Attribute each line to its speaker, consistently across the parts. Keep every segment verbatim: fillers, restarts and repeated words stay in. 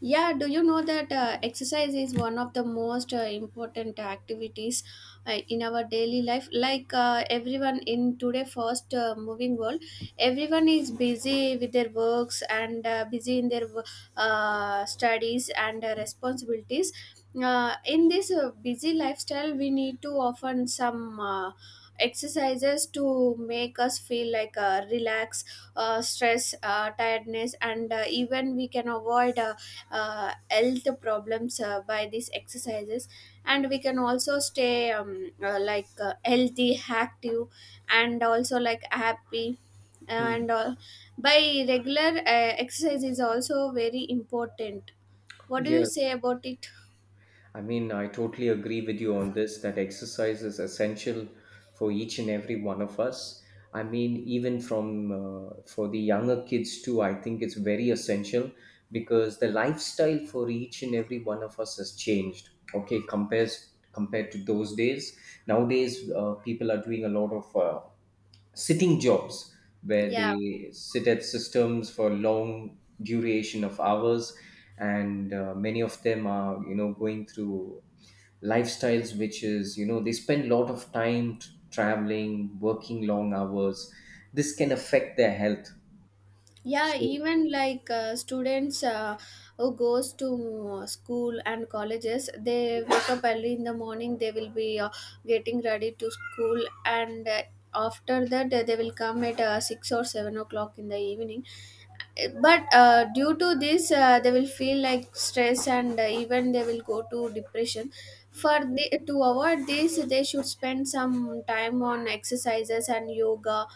Speaker 1: Yeah, do you know that uh, exercise is one of the most uh, important activities uh, in our daily life? Like uh, everyone in today fast uh, moving world, everyone is busy with their works and uh, busy in their uh, studies and uh, responsibilities. Uh, in this uh, busy lifestyle, we need to often some uh, exercises to make us feel like uh, relax, uh, stress, uh, tiredness, and uh, even we can avoid. Uh, uh, health problems uh, by these exercises, and we can also stay um, uh, like uh, healthy, active, and also like happy
Speaker 2: Hmm.
Speaker 1: and uh, by regular uh, exercise is also very important. What do you
Speaker 2: Yes,
Speaker 1: say about it?
Speaker 2: I mean, I totally agree with you on this that exercise is essential for each and every one of us. I mean, even from uh, for the younger kids too, I think it's very essential because the lifestyle for each and every one of us has changed. Okay, compares compared to those days. Nowadays, uh, people are doing a lot of uh, sitting jobs where
Speaker 1: Yeah.
Speaker 2: they sit at systems for long duration of hours, and uh, many of them are you know going through lifestyles which is you know they spend a lot of time t- traveling, working long hours. This can affect their health,
Speaker 1: yeah
Speaker 2: so.
Speaker 1: even like uh, students uh, who goes to uh, school and colleges, they wake up early in the morning. They will be uh, getting ready to school, and uh, after that uh, they will come at uh, six or seven o'clock in the evening. But uh, due to this uh, they will feel like stress, and uh, even they will go to depression. For the, to avoid this, they should spend some time on exercises and yoga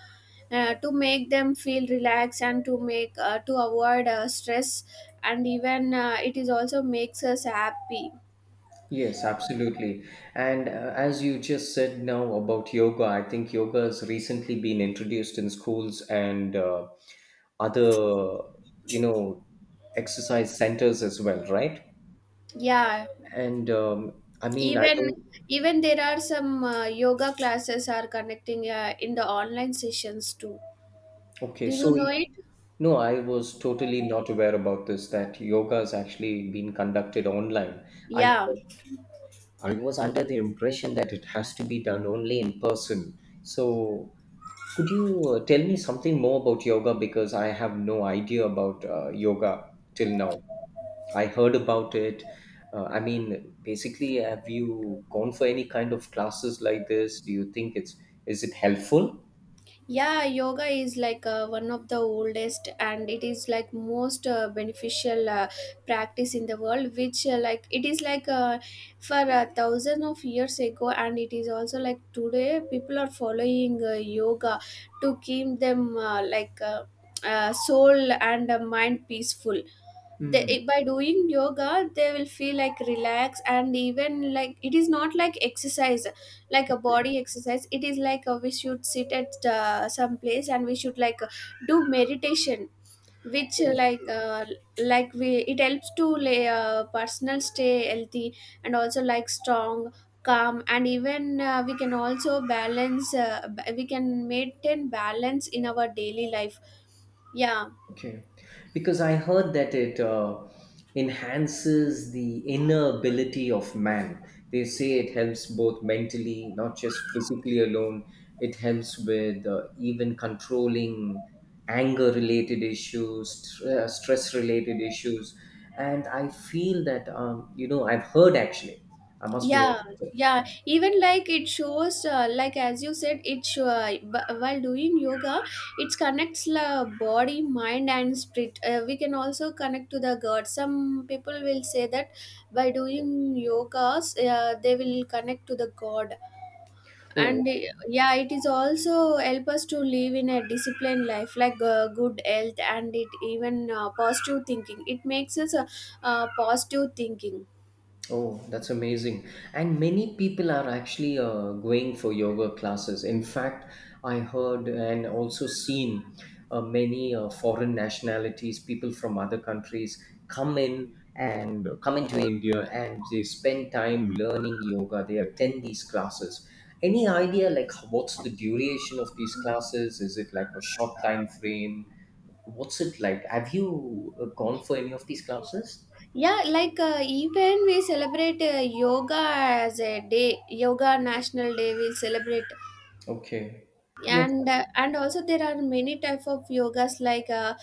Speaker 1: uh, to make them feel relaxed and to make uh, to avoid uh, stress, and even uh, it is also makes us happy.
Speaker 2: Yes, absolutely. And uh, as you just said now about yoga, I think yoga has recently been introduced in schools and uh, other you know exercise centers as well, right?
Speaker 1: Yeah.
Speaker 2: And um, I mean, I
Speaker 1: even
Speaker 2: don't.
Speaker 1: even there are some uh, yoga classes are connecting uh, in the online sessions too.
Speaker 2: Okay,
Speaker 1: Do you
Speaker 2: so,
Speaker 1: know
Speaker 2: y-
Speaker 1: it?
Speaker 2: no, I was totally not aware about this, that yoga is actually being conducted online. i
Speaker 1: Yeah.
Speaker 2: thought I was under the impression that it has to be done only in person. So, could you uh, tell me something more about yoga, because I have no idea about uh, yoga till now. I heard about it. Uh, I mean, basically, have you gone for any kind of classes like this? Do you think it's is it helpful?
Speaker 1: Yeah yoga is like uh, one of the oldest, and it is like most uh, beneficial uh, practice in the world, which uh, like it is like uh, for uh, thousands of years ago, and it is also like today people are following uh, yoga to keep them uh, like uh, uh, soul and uh, mind peaceful. They
Speaker 2: Hmm.
Speaker 1: i- by doing yoga, they will feel like relaxed, and even like it is not like exercise, like a body exercise. It is like uh we should sit at uh, some place, and we should like uh, do meditation, which uh, like uh, like we it helps to lay uh, personal stay healthy and also like strong, calm. And even uh, we can also balance uh, ba- we can maintain balance in our daily life. Yeah.
Speaker 2: Okay, because I heard that it uh, enhances the inner ability of man. They say it helps both mentally, not just physically alone. It helps with uh, even controlling anger related issues, tr- uh, stress related issues. And I feel that, um, you know, I've heard actually, I must be
Speaker 1: yeah
Speaker 2: honest.
Speaker 1: yeah even like it shows uh, like as you said, it show, uh, b- while doing yoga, it connects the body, mind and spirit. Uh, we can also connect to the god. Some people will say that by doing yogas uh, they will connect to the god.
Speaker 2: Oh,
Speaker 1: And uh, Yeah, it is also help us to live in a disciplined life like uh, good health, and it even uh, positive thinking, it makes us uh, uh, positive thinking.
Speaker 2: Oh, that's amazing. And many people are actually uh, going for yoga classes. In fact, I heard and also seen uh, many uh, foreign nationalities, people from other countries come in and come into India and they spend time learning yoga. They attend these classes. Any idea like what's the duration of these classes? Is it like a short time frame? What's it like? Have you uh, gone for any of these classes?
Speaker 1: Yeah, like uh, even we celebrate uh, yoga as a day, yoga national day, we celebrate.
Speaker 2: Okay.
Speaker 1: And uh, and also there are many type of yogas like uh,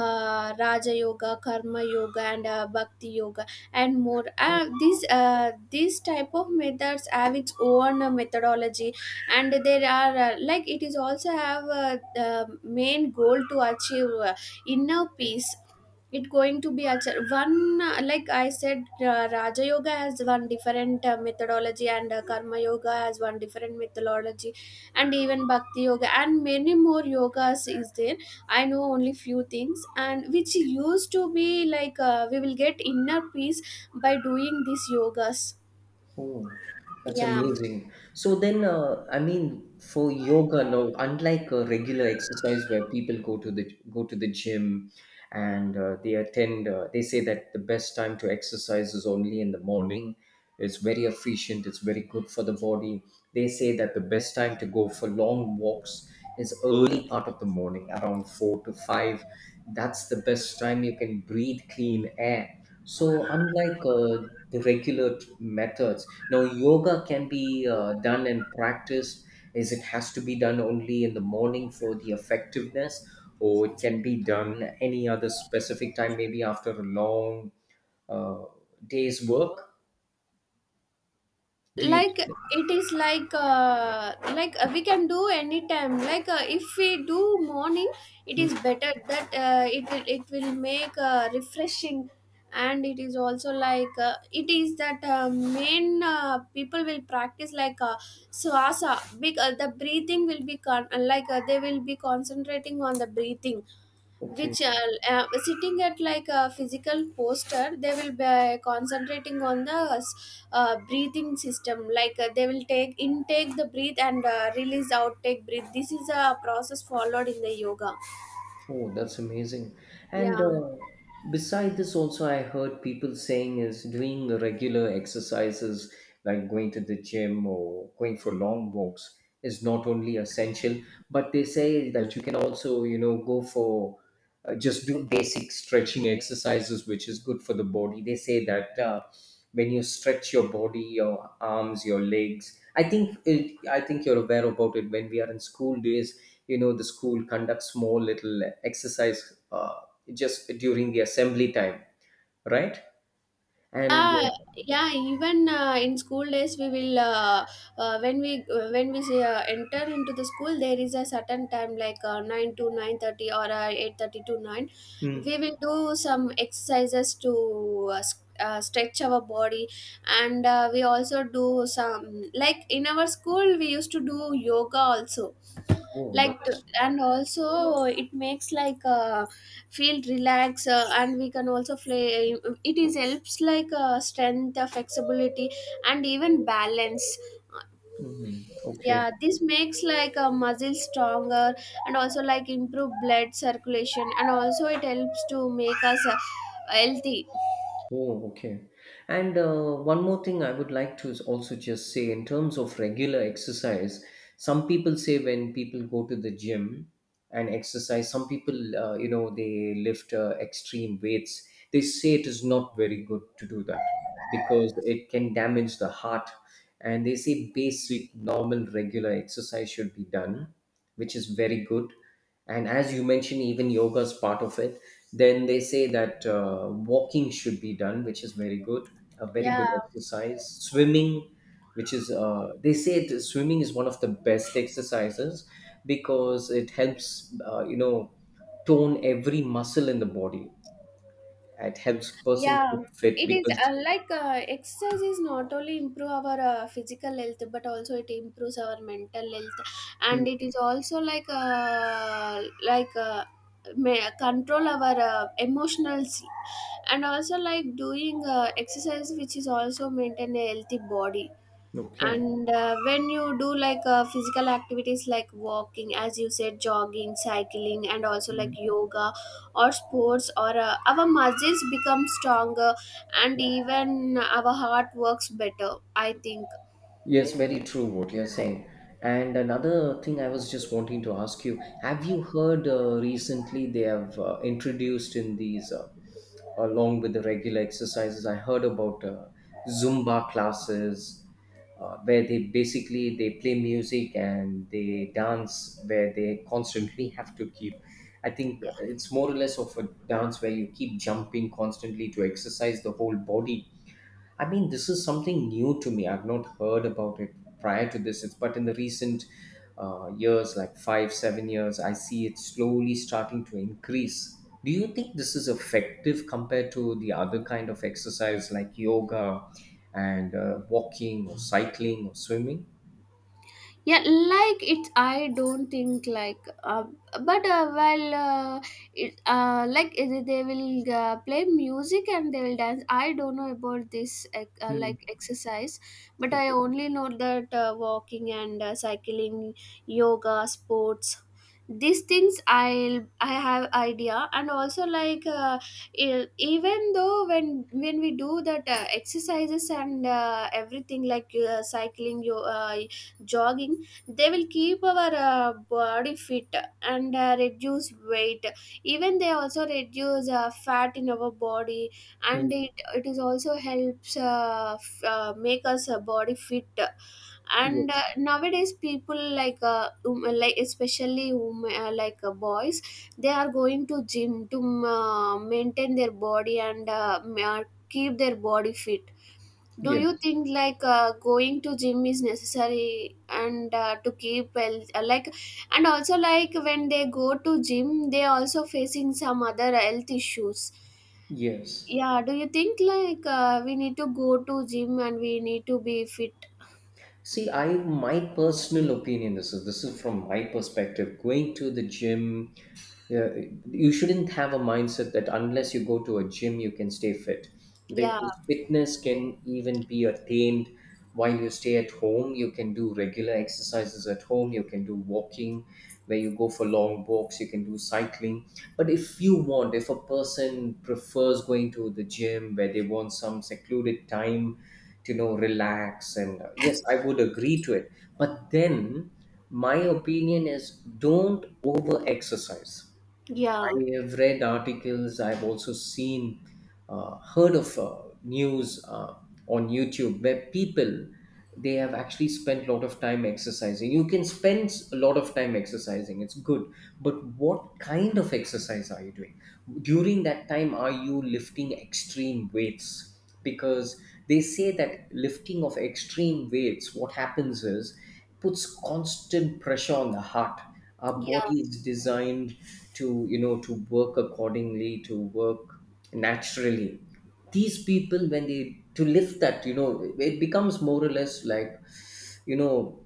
Speaker 1: uh, raja yoga, karma yoga, and uh, bhakti yoga and more.
Speaker 2: Okay.
Speaker 1: Uh, these uh, these type of methods have its own uh, methodology. And there are uh, like it is also have uh, the main goal to achieve uh, inner peace. It going to be achieved one uh, like I said, uh, raja yoga has one different uh, methodology, and uh, karma yoga has one different methodology, and even bhakti yoga, and many more yogas is there. I know only few things, and which used to be like uh, we will get inner peace by doing these yogas.
Speaker 2: Oh, that's
Speaker 1: Yeah,
Speaker 2: amazing. So then, uh, I mean, for yoga, no, unlike a regular exercise where people go to the go to the gym, and uh, they attend, uh, they say that the best time to exercise is only in the morning. It's very efficient. It's very good for the body. They say that the best time to go for long walks is early part of the morning, around four to five. That's the best time you can breathe clean air. So, unlike uh, the regular t- methods, now, yoga can be uh, done and practiced as it has to be done only in the morning for the effectiveness, or it can be done any other specific time, maybe after a long uh, day's work. Do you
Speaker 1: like
Speaker 2: think? that-
Speaker 1: it is like uh, like uh, we can do anytime. Like uh, if we do morning, it
Speaker 2: Hmm.
Speaker 1: is better that uh, it will it will make uh, refreshing. And it is also like uh, it is that uh, main uh, people will practice like uh, swasa big. Uh, the breathing will be con- uh, like uh, they will be concentrating on the breathing,
Speaker 2: Okay.
Speaker 1: which are uh, sitting at like a physical poster. They will be uh, concentrating on the uh, breathing system. Like uh, they will take intake the breath, and uh, release outtake breath. This is a process followed in the yoga.
Speaker 2: Oh, that's amazing. And
Speaker 1: Yeah.
Speaker 2: uh, beside this, also, I heard people saying is doing regular exercises like going to the gym or going for long walks is not only essential, but they say that you can also, you know, go for uh, just do basic stretching exercises, which is good for the body. They say that uh, when you stretch your body, your arms, your legs, I think it, I think you're aware about it. When we are in school days, you know the school conducts small little exercise, uh, just during the assembly time, right? And
Speaker 1: Yeah,
Speaker 2: uh,
Speaker 1: yeah. Even uh, in school days, we will uh, uh, when we uh, when we say, uh, enter into the school, there is a certain time like uh, nine to nine thirty or uh, eight thirty to nine.
Speaker 2: mm.
Speaker 1: We will do some exercises to uh, s- uh, stretch our body, and uh, we also do some like in our school we used to do yoga also,
Speaker 2: Oh,
Speaker 1: like to-
Speaker 2: that's.
Speaker 1: and also it makes like uh, feel relaxed, uh, and we can also play. It is helps like uh, strength, uh, flexibility, and even balance.
Speaker 2: Mhm. Okay.
Speaker 1: Yeah, this makes like a muscle stronger, and also like improve blood circulation, and also it helps to make us uh, healthy.
Speaker 2: Oh, okay. And uh, one more thing I would like to also just say in terms of regular exercise: some people say when people go to the gym and exercise, some people, uh, you know, they lift uh, extreme weights. They say it is not very good to do that because it can damage the heart. And they say basic, normal, regular exercise should be done, which is very good. And as you mentioned, even yoga is part of it. Then they say that uh, walking should be done, which is very good, a very good
Speaker 1: Yeah.
Speaker 2: exercise. Swimming, which is, uh, they say that swimming is one of the best exercises because it helps, uh, you know, tone every muscle in the body. It helps person
Speaker 1: yeah
Speaker 2: keep fit
Speaker 1: it is
Speaker 2: because.
Speaker 1: uh, like uh, exercise is not only improve our uh, physical health, but also it improves our mental health. And
Speaker 2: Hmm.
Speaker 1: it is also like uh, like uh, may control our uh, emotional sleep. And also like doing uh, exercise, which is also maintain a healthy body.
Speaker 2: Okay.
Speaker 1: And uh, when you do like uh, physical activities like walking, as you said, jogging, cycling, and also like
Speaker 2: Hmm.
Speaker 1: yoga or sports, or uh, our muscles become stronger, and even our heart works better, I think.
Speaker 2: Yes, very true what you're saying. And another thing I was just wanting to ask you, have you heard uh, recently they have uh, introduced in these, uh, along with the regular exercises. I heard about uh, Zumba classes, uh, where they basically they play music and they dance, where they constantly have to keep. I think it's more or less of a dance where you keep jumping constantly to exercise the whole body. I mean, this is something new to me. I've not heard about it prior to this. It's But in the recent uh, years, like five, seven years, I see it slowly starting to increase. Do you think this is effective compared to the other kind of exercise like yoga and uh, walking or cycling or swimming?
Speaker 1: Yeah, like it's I don't think like uh, but uh, well uh, it, uh, like uh, they will uh, play music and they will dance. I don't know about this ec- uh,
Speaker 2: Hmm.
Speaker 1: like exercise, but I
Speaker 2: Okay.
Speaker 1: only know that uh, walking and uh, cycling, yoga, sports. These things i'll I have idea. And also like uh, e- even though, when when we do that uh, exercises and uh, everything like uh, cycling, yo- uh, jogging, they will keep our uh, body fit, and uh, reduce weight. Even they also reduce uh, fat in our body,
Speaker 2: Hmm.
Speaker 1: and it it is also helps uh, f- uh, make us uh, body fit. And uh,
Speaker 2: Yes.
Speaker 1: nowadays people like uh, um, like especially um, uh, like uh, boys, they are going to gym to um, uh, maintain their body and uh, ma- keep their body fit. Do you
Speaker 2: Yes.
Speaker 1: think like uh, going to gym is necessary and uh, to keep health uh, like and also like when they go to gym, they also facing some other health issues?
Speaker 2: Yes.
Speaker 1: Yeah, do you think like uh, we need to go to gym and we need to be fit?
Speaker 2: See, I my personal opinion. This is this is from my perspective. Going to the gym, yeah, you shouldn't have a mindset that unless you go to a gym, you can stay fit,
Speaker 1: yeah
Speaker 2: because fitness can even be attained while you stay at home. You can do regular exercises at home. You can do walking, where you go for long walks. You can do cycling. But if you want, if a person prefers going to the gym where they want some secluded time to you know relax, and uh, yes, I would agree to it, but then my opinion is, don't over exercise. I
Speaker 1: yeah
Speaker 2: have read articles, I've also seen, uh, heard of uh, news uh, on YouTube where people, they have actually spent a lot of time exercising. You can spend a lot of time exercising; it's good. But what kind of exercise are you doing during that time? Are you lifting extreme weights? Because they say that lifting of extreme weights, what happens is puts constant pressure on the heart. Our
Speaker 1: yeah
Speaker 2: body is designed to you know to work accordingly, to work naturally. These people, when they to lift that, you know it becomes more or less like, you know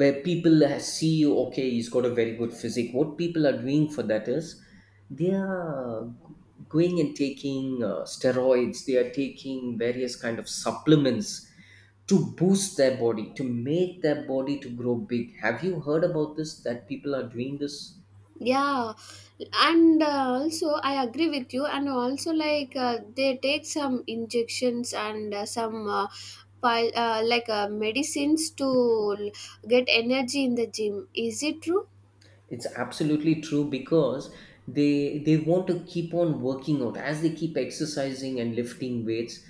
Speaker 2: where people, ha- see, okay, he's got a very good physique. What people are doing for that is they are going and taking uh, steroids, they are taking various kind of supplements to boost their body, to make their body to grow big. Have you heard about this, that people are doing this?
Speaker 1: yeah And uh, also I agree with you, and also like uh, they take some injections, and uh, some uh, pil- uh, like uh, medicines to l- get energy in the gym. Is it true?
Speaker 2: It's absolutely true because they they want to keep on working out as they keep exercising and lifting weights.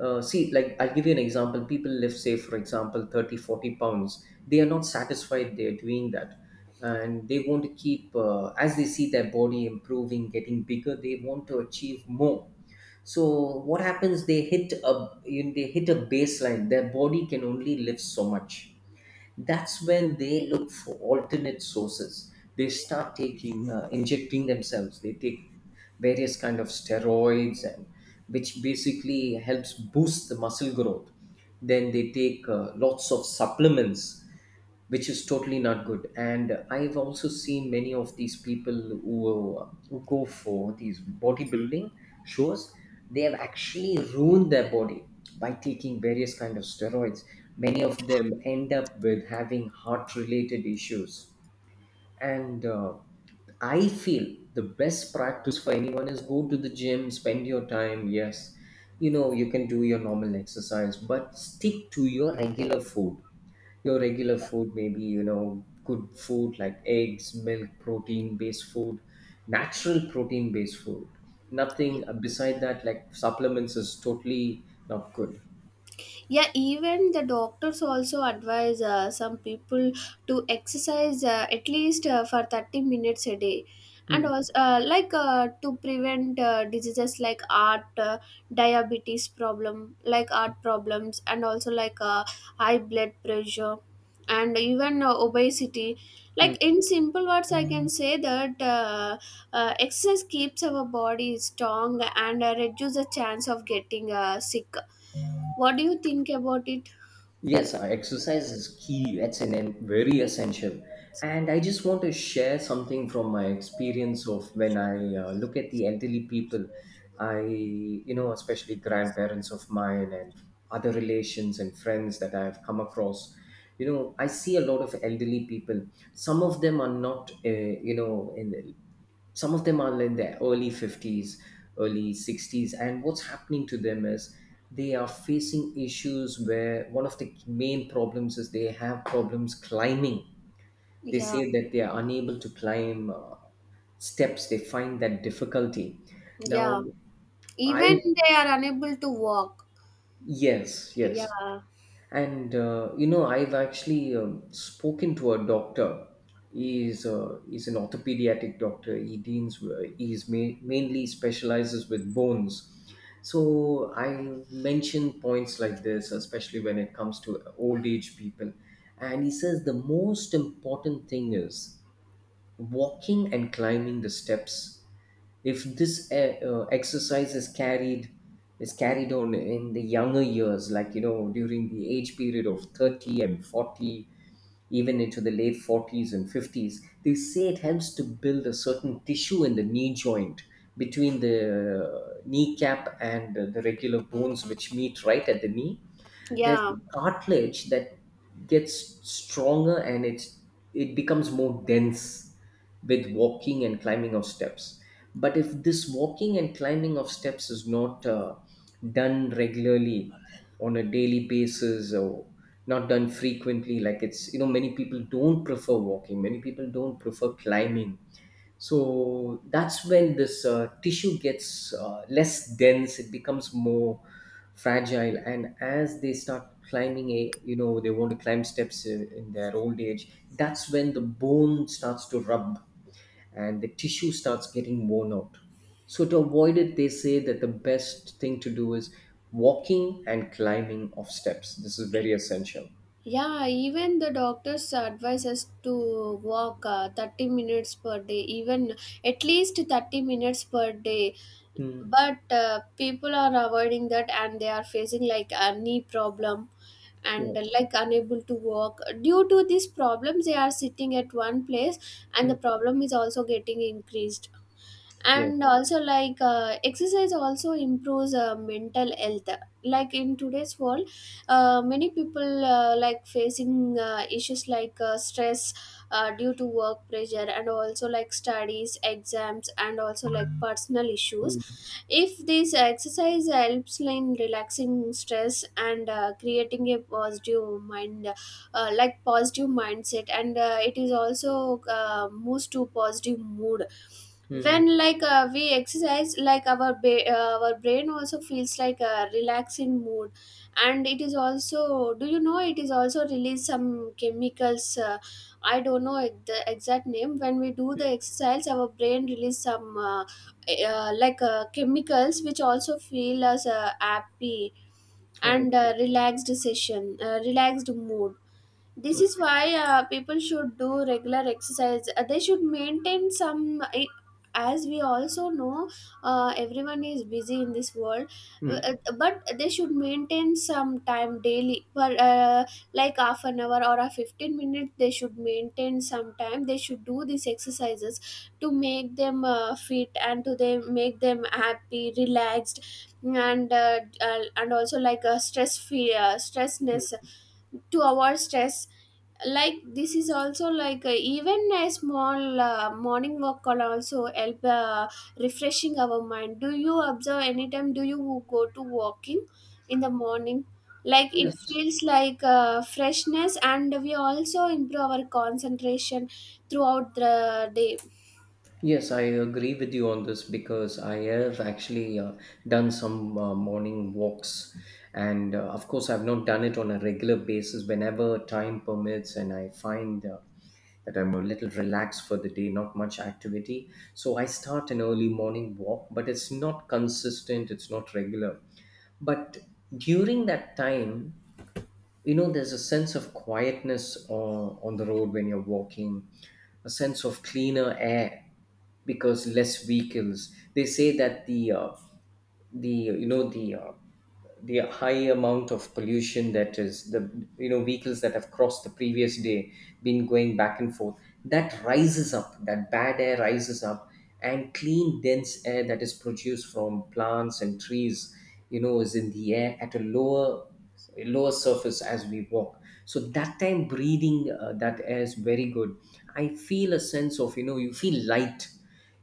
Speaker 2: Uh, see, like, I'll give you an example. People lift, say, for example, thirty, forty pounds. They are not satisfied they're doing that. And they want to keep, uh, as they see their body improving, getting bigger, they want to achieve more. So what happens? They hit a, you know, they hit a baseline. Their body can only lift so much, that's when they look for alternate sources. They start taking uh, injecting themselves, they take various kind of steroids, and which basically helps boost the muscle growth. Then they take uh, lots of supplements, which is totally not good. And I've also seen many of these people who, uh, who go for these bodybuilding shows. They have actually ruined their body by taking various kind of steroids. Many of them end up with having heart-related issues. And uh, I feel the best practice for anyone is go to the gym, spend your time. Yes, you know you can do your normal exercise, but stick to your regular food, your regular food, maybe you know good food like eggs, milk, protein based food, natural protein based food. Nothing, uh, beside that, like supplements, is totally not good.
Speaker 1: Yeah. Even the doctors also advise uh, some people to exercise uh, at least uh, for thirty minutes a day, and
Speaker 2: Hmm.
Speaker 1: also uh, like uh, to prevent uh, diseases like heart uh, diabetes problem, like heart problems, and also like uh, high blood pressure, and even uh, obesity. Like in simple words, I can say that uh, uh, exercise keeps our body strong, and uh, reduce the chance of getting uh, sick. What do you think about it?
Speaker 2: Yes, uh, exercise is key. It's an, an- very essential. And I just want to share something from my experience of when I uh, look at the elderly people. I, you know, especially grandparents of mine and other relations and friends that I've come across. You know, I see a lot of elderly people. Some of them are not, uh, you know, in some of them are in their early fifties, early sixties, and what's happening to them is they are facing issues where one of the main problems is they have problems climbing. They
Speaker 1: Yeah,
Speaker 2: say that they are unable to climb, uh, steps, they find that difficulty now.
Speaker 1: yeah.
Speaker 2: I.
Speaker 1: Even they are unable to walk.
Speaker 2: Yes, yes.
Speaker 1: Yeah,
Speaker 2: And uh, you know, I've actually um, spoken to a doctor. He's uh, he's an orthopediatric doctor. He deans, he's ma- mainly specializes with bones. So I mentioned points like this, especially when it comes to old age people. And he says the most important thing is walking and climbing the steps if this uh, uh, exercise is carried is carried on in the younger years, like you know, during the age period of thirty and forty, even into the late forties and fifties. They say it helps to build a certain tissue in the knee joint, between the uh, kneecap and the regular bones which meet right at the knee. There's a
Speaker 1: yeah,
Speaker 2: cartilage that gets stronger, and it's it becomes more dense with walking and climbing of steps. But if this walking and climbing of steps is not uh, done regularly on a daily basis, or not done frequently, like it's you know, many people don't prefer walking, many people don't prefer climbing. So that's when this uh, tissue gets uh, less dense. It becomes more fragile, and as they start climbing a you know, they want to climb steps uh, in their old age, that's when the bone starts to rub and the tissue starts getting worn out. So to avoid it, they say that the best thing to do is walking and climbing of steps. This is very essential.
Speaker 1: yeah. Even the doctors advise us to walk uh, thirty minutes per day, even at least thirty minutes per day.
Speaker 2: Hmm.
Speaker 1: but uh, people are avoiding that, and they are facing like a knee problem, and uh,
Speaker 2: Yes.
Speaker 1: like unable to walk. Due to these problems, they are sitting at one place, and
Speaker 2: Mm.
Speaker 1: the problem is also getting increased.
Speaker 2: Yes.
Speaker 1: And also like uh, exercise also improves uh, mental health. Like in today's world, uh, many people uh, like facing uh, issues like uh, stress, uh, due to work pressure, and also like studies, exams, and also like personal issues.
Speaker 2: Mm.
Speaker 1: If this exercise helps in relaxing stress, and uh, creating a positive mind, uh, like positive mindset, and uh, it is also uh, moves to positive mood.
Speaker 2: Mm.
Speaker 1: When like uh, we exercise, like our ba- uh, our brain also feels like a relaxing mood. And it is also, do you know, it is also release some chemicals. uh, I don't know the exact name. When we do the exercise, our brain release some uh, uh, like uh, chemicals, which also feel as uh, happy
Speaker 2: Oh,
Speaker 1: and uh,
Speaker 2: okay.
Speaker 1: relaxed session uh, relaxed mood. This is
Speaker 2: Okay.
Speaker 1: why uh, people should do regular exercise. Uh, they should maintain some I- as we also know, uh, everyone is busy in this world. Uh, uh, but they should maintain some time daily for uh, like half an hour or a fifteen minutes. They should maintain some time. They should do these exercises to make them uh, fit and to them make them happy, relaxed, and uh, uh, and also like a stress free, uh,
Speaker 2: Mm.
Speaker 1: stressness, to avoid stress. Like this is also like, uh, even a small uh, morning walk can also help uh, refreshing our mind. Do you observe anytime? Do you go to walking in the morning? Like it
Speaker 2: Yes.
Speaker 1: feels like uh, freshness and we also improve our concentration throughout the day.
Speaker 2: Yes, I agree with you on this because I have actually uh, done some uh, morning walks. And uh, of course, I've not done it on a regular basis, whenever time permits, and I find uh, that I'm a little relaxed for the day, not much activity. So I start an early morning walk, but it's not consistent, it's not regular. But during that time, you know, there's a sense of quietness on, on the road when you're walking, a sense of cleaner air, because less vehicles. They say that the uh, the you know the uh, the high amount of pollution, that is the you know, vehicles that have crossed the previous day been going back and forth, that rises up, that bad air rises up, and clean dense air that is produced from plants and trees, you know, is in the air at a lower, so a lower surface as we walk. So that time breathing uh, that air is very good. I feel a sense of, you know, you feel light,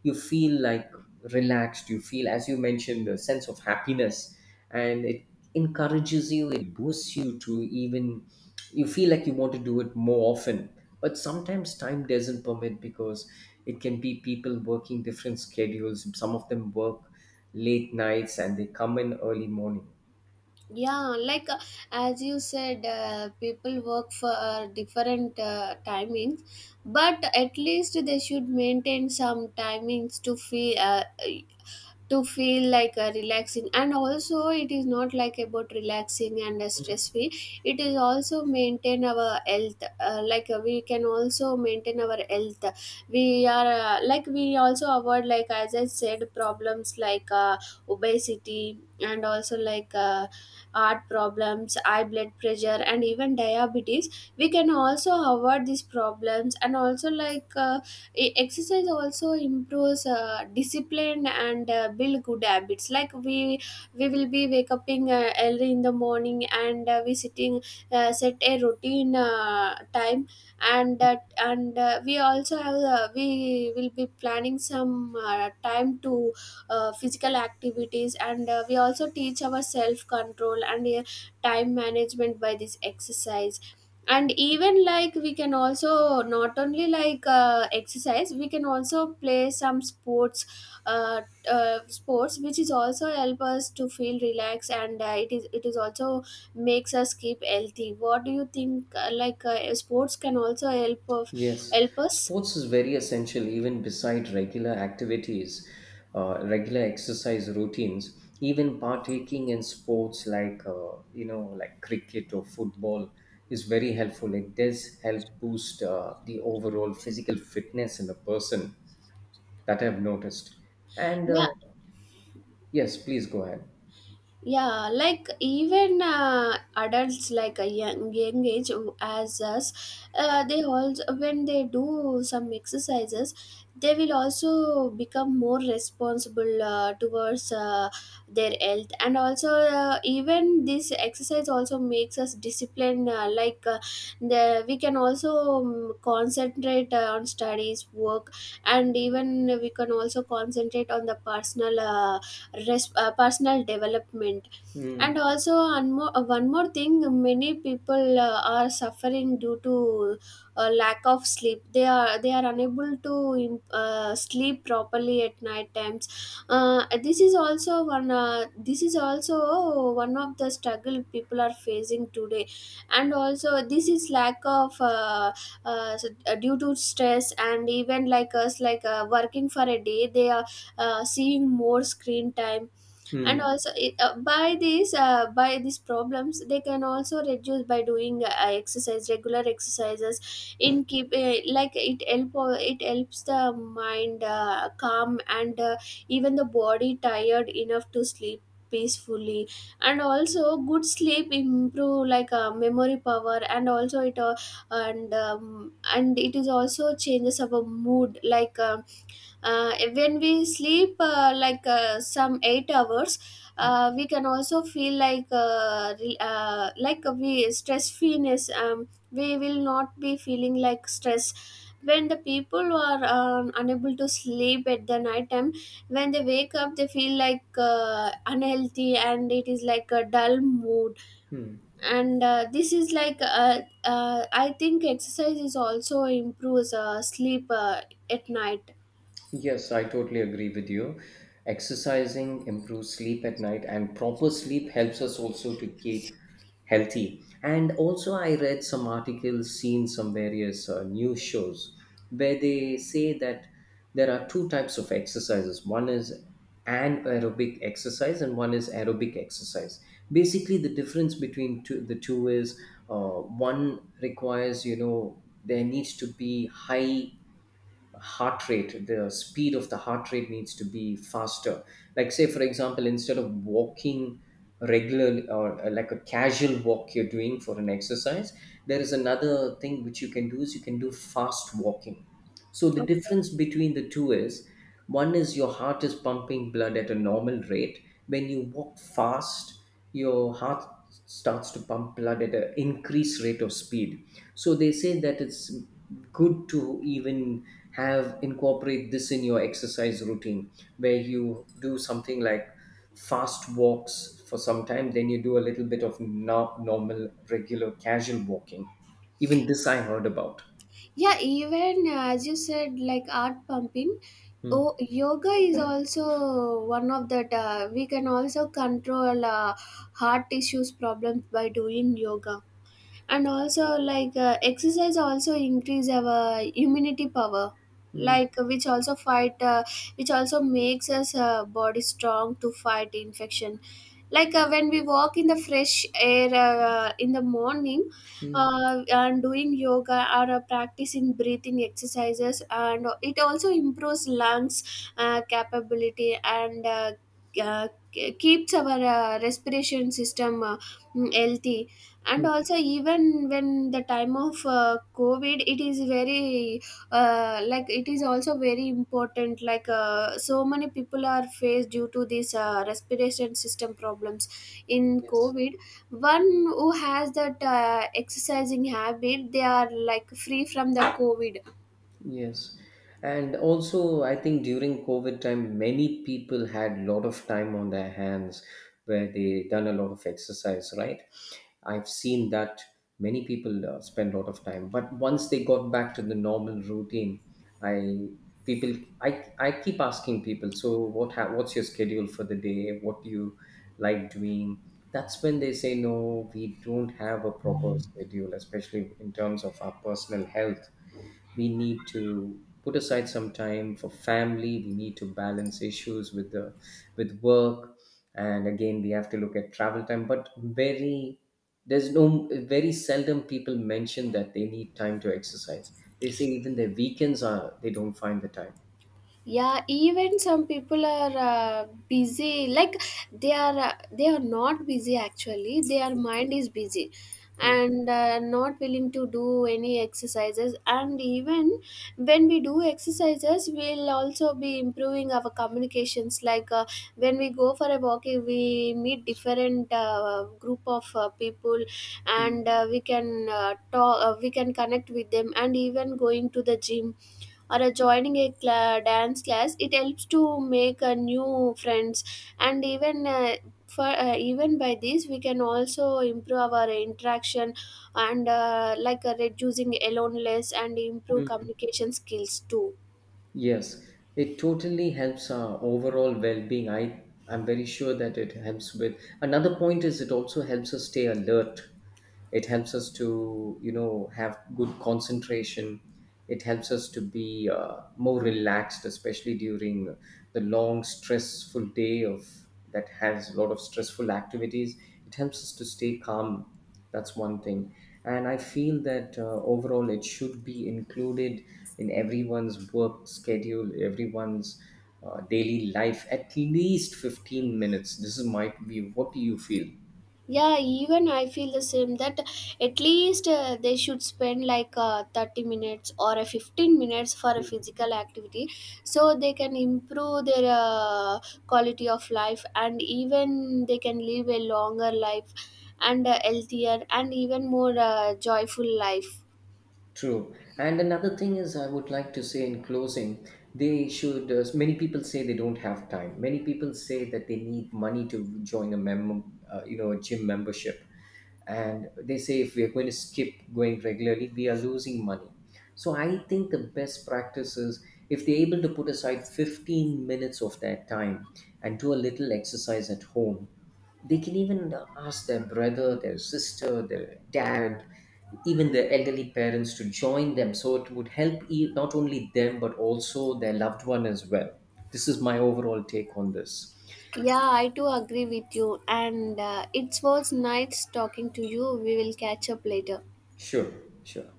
Speaker 2: you feel like relaxed, you feel, as you mentioned, a sense of happiness. And it encourages you, it boosts you to even, you feel like you want to do it more often. But sometimes time doesn't permit, because it can be people working different schedules. Some of them work late nights and they come in early morning.
Speaker 1: Yeah, like uh, as you said, uh, people work for uh, different uh, timings, but at least they should maintain some timings to feel uh, to feel like a relaxing. And also, it is not like about relaxing and a stress free, it is also maintain our health. uh, like uh, we can also maintain our health. We are uh, like we also avoid, like as I said, problems like, uh, obesity, and also like, uh, heart problems, high blood pressure, and even diabetes. We can also avoid these problems. And also like, uh, E- exercise also improves uh, discipline and uh, build good habits, like we we will be wake up in, uh, early in the morning, and uh, we sitting, uh, set a routine uh, time. And that and uh, we also have, uh, we will be planning some uh, time to uh, physical activities. And uh, we also teach our self control and uh, time management by this exercise. And even like, we can also not only like uh, exercise, we can also play some sports, uh, uh, sports, which is also help us to feel relaxed. And uh, it is it is also makes us keep healthy. What do you think, uh, like uh, sports can also help of
Speaker 2: Yes,
Speaker 1: help us?
Speaker 2: sports is very essential. Even beside regular activities, uh, regular exercise routines, even partaking in sports like, uh, you know, like cricket or football is very helpful. It does help boost uh, the overall physical fitness in a person, that I've noticed. And
Speaker 1: Yeah.
Speaker 2: uh, yes, please go ahead.
Speaker 1: Yeah, like even uh, adults, like a young, young age, as us, uh, they also, when they do some exercises, they will also become more responsible uh, towards uh, their health. And also uh, even this exercise also makes us disciplined. Uh, like uh, the we can also um, concentrate uh, on studies, work, and even we can also concentrate on the personal, uh, res- uh, personal development. And
Speaker 2: Mm,
Speaker 1: also one more, uh, one more thing, many people uh, are suffering due to uh, lack of sleep. They are they are unable to im- uh, sleep properly at night times. uh, this is also one, uh, this is also one of the struggle people are facing today. And also this is lack of, uh, uh, s- uh, due to stress. And even, like us, like uh, working for a day, they are uh, seeing more screen time. And
Speaker 2: mm,
Speaker 1: also it, uh, by these uh, by these problems, they can also reduce by doing uh, exercise regular exercises. In keep, uh, like it help, uh, it helps the mind uh, calm, and uh, even the body tired enough to sleep peacefully. And also good sleep improve like uh, memory power. And also it uh, and um, and it is also changes our mood, like, um, uh, when we sleep, uh, like, uh, some eight hours,
Speaker 2: yes.
Speaker 1: uh, we can also feel like, uh, re- uh, like, uh, we stress freeness. um, we will not be feeling like stress. When the people are um, unable to sleep at the night time, when they wake up, they feel like uh, unhealthy and it is like a dull mood.
Speaker 2: Hmm.
Speaker 1: And uh, this is like, uh, uh, I think exercise is also improves uh, sleep uh, at night.
Speaker 2: Yes, I totally agree with you. Exercising improves sleep at night, and proper sleep helps us also to keep healthy. And also, I read some articles, seen some various uh, news shows where they say that there are two types of exercises. One is anaerobic exercise, and one is aerobic exercise. Basically, the difference between two, the two is uh, one requires, you know, there needs to be high heart rate. The speed of the heart rate needs to be faster. Like, say for example, instead of walking regularly or uh, like a casual walk you're doing for an exercise, there is another thing which you can do is you can do fast walking. So the difference between the two is one is your heart is pumping blood at a normal rate. When you walk fast, your heart starts to pump blood at an increased rate of speed. So they say that it's good to even have incorporate this in your exercise routine, where you do something like fast walks for some time, then you do a little bit of no- normal regular casual walking. Even this I heard about.
Speaker 1: Yeah, even uh, as you said, like art pumping.
Speaker 2: Mm,
Speaker 1: Oh, yoga is also one of that. uh, we can also control uh, heart issues problems by doing yoga. And also like uh, exercise also increase our immunity power,
Speaker 2: mm,
Speaker 1: like which also fight uh, which also makes us uh, body strong to fight infection. Like uh, when we walk in the fresh air uh, in the morning
Speaker 2: mm, mm.
Speaker 1: uh, and doing yoga or uh, practicing breathing exercises. And it also improves lungs uh, capability, and uh, uh, keeps our uh, respiration system uh, mm, healthy. And also, even when the time of uh, covid, it is very uh, like it is also very important. Like uh, so many people are faced due to these uh, respiration system problems in
Speaker 2: Yes,
Speaker 1: covid. One who has that uh, exercising habit, they are like free from the covid.
Speaker 2: yes. And also, I think during COVID time, many people had a lot of time on their hands, where they done a lot of exercise, right? I've seen that many people uh, spend a lot of time, but once they got back to the normal routine, I people, I, I keep asking people, so what ha- what's your schedule for the day? What do you like doing? That's when they say, no, we don't have a proper schedule, especially in terms of our personal health. We need to put aside some time for family, we need to balance issues with the with work and again, we have to look at travel time, but very, there's no, very seldom people mention that they need time to exercise. They say even their weekends, are they don't find the time.
Speaker 1: Yeah, even some people are uh, busy, like they are uh, they are not busy, actually their mind is busy,
Speaker 2: Mm,
Speaker 1: and uh, not willing to do any exercises. And even when we do exercises, we'll also be improving our communications. Like uh, when we go for a walk, we meet different uh, group of uh, people,
Speaker 2: mm,
Speaker 1: and uh, we can uh, talk uh, we can connect with them. And even going to the gym or uh, joining a cla- dance class, it helps to make uh, new friends. And even uh, for uh, even by this, we can also improve our interaction and uh, like uh, reducing aloneness and improve
Speaker 2: mm.
Speaker 1: communication skills too.
Speaker 2: Yes, it totally helps our overall well-being. I, I'm very sure that it helps with. Another point is it also helps us stay alert. It helps us to, you know, have good concentration. It helps us to be uh, more relaxed, especially during the long stressful day of, that has a lot of stressful activities. It helps us to stay calm. That's one thing. And I feel that uh, overall it should be included in everyone's work schedule, everyone's uh, daily life, at least fifteen minutes. This is my view. What do you feel?
Speaker 1: Yeah, even I feel the same, that at least uh, they should spend like uh, thirty minutes or a fifteen minutes for a physical activity, so they can improve their uh, quality of life, and even they can live a longer life, and a healthier, and even more uh, joyful life.
Speaker 2: True. And another thing is, I would like to say in closing, they should. Uh, many people say they don't have time. Many people say that they need money to join a mem, uh, you know, a gym membership, and they say if we are going to skip going regularly, we are losing money. So I think the best practice is if they're able to put aside fifteen minutes of their time and do a little exercise at home, they can even ask their brother, their sister, their dad, even their elderly parents to join them. So it would help e- not only them, but also their loved one as well. This is my overall take on this.
Speaker 1: Yeah, I too agree with you, and uh, it was nice talking to you. We will catch up later.
Speaker 2: Sure, sure.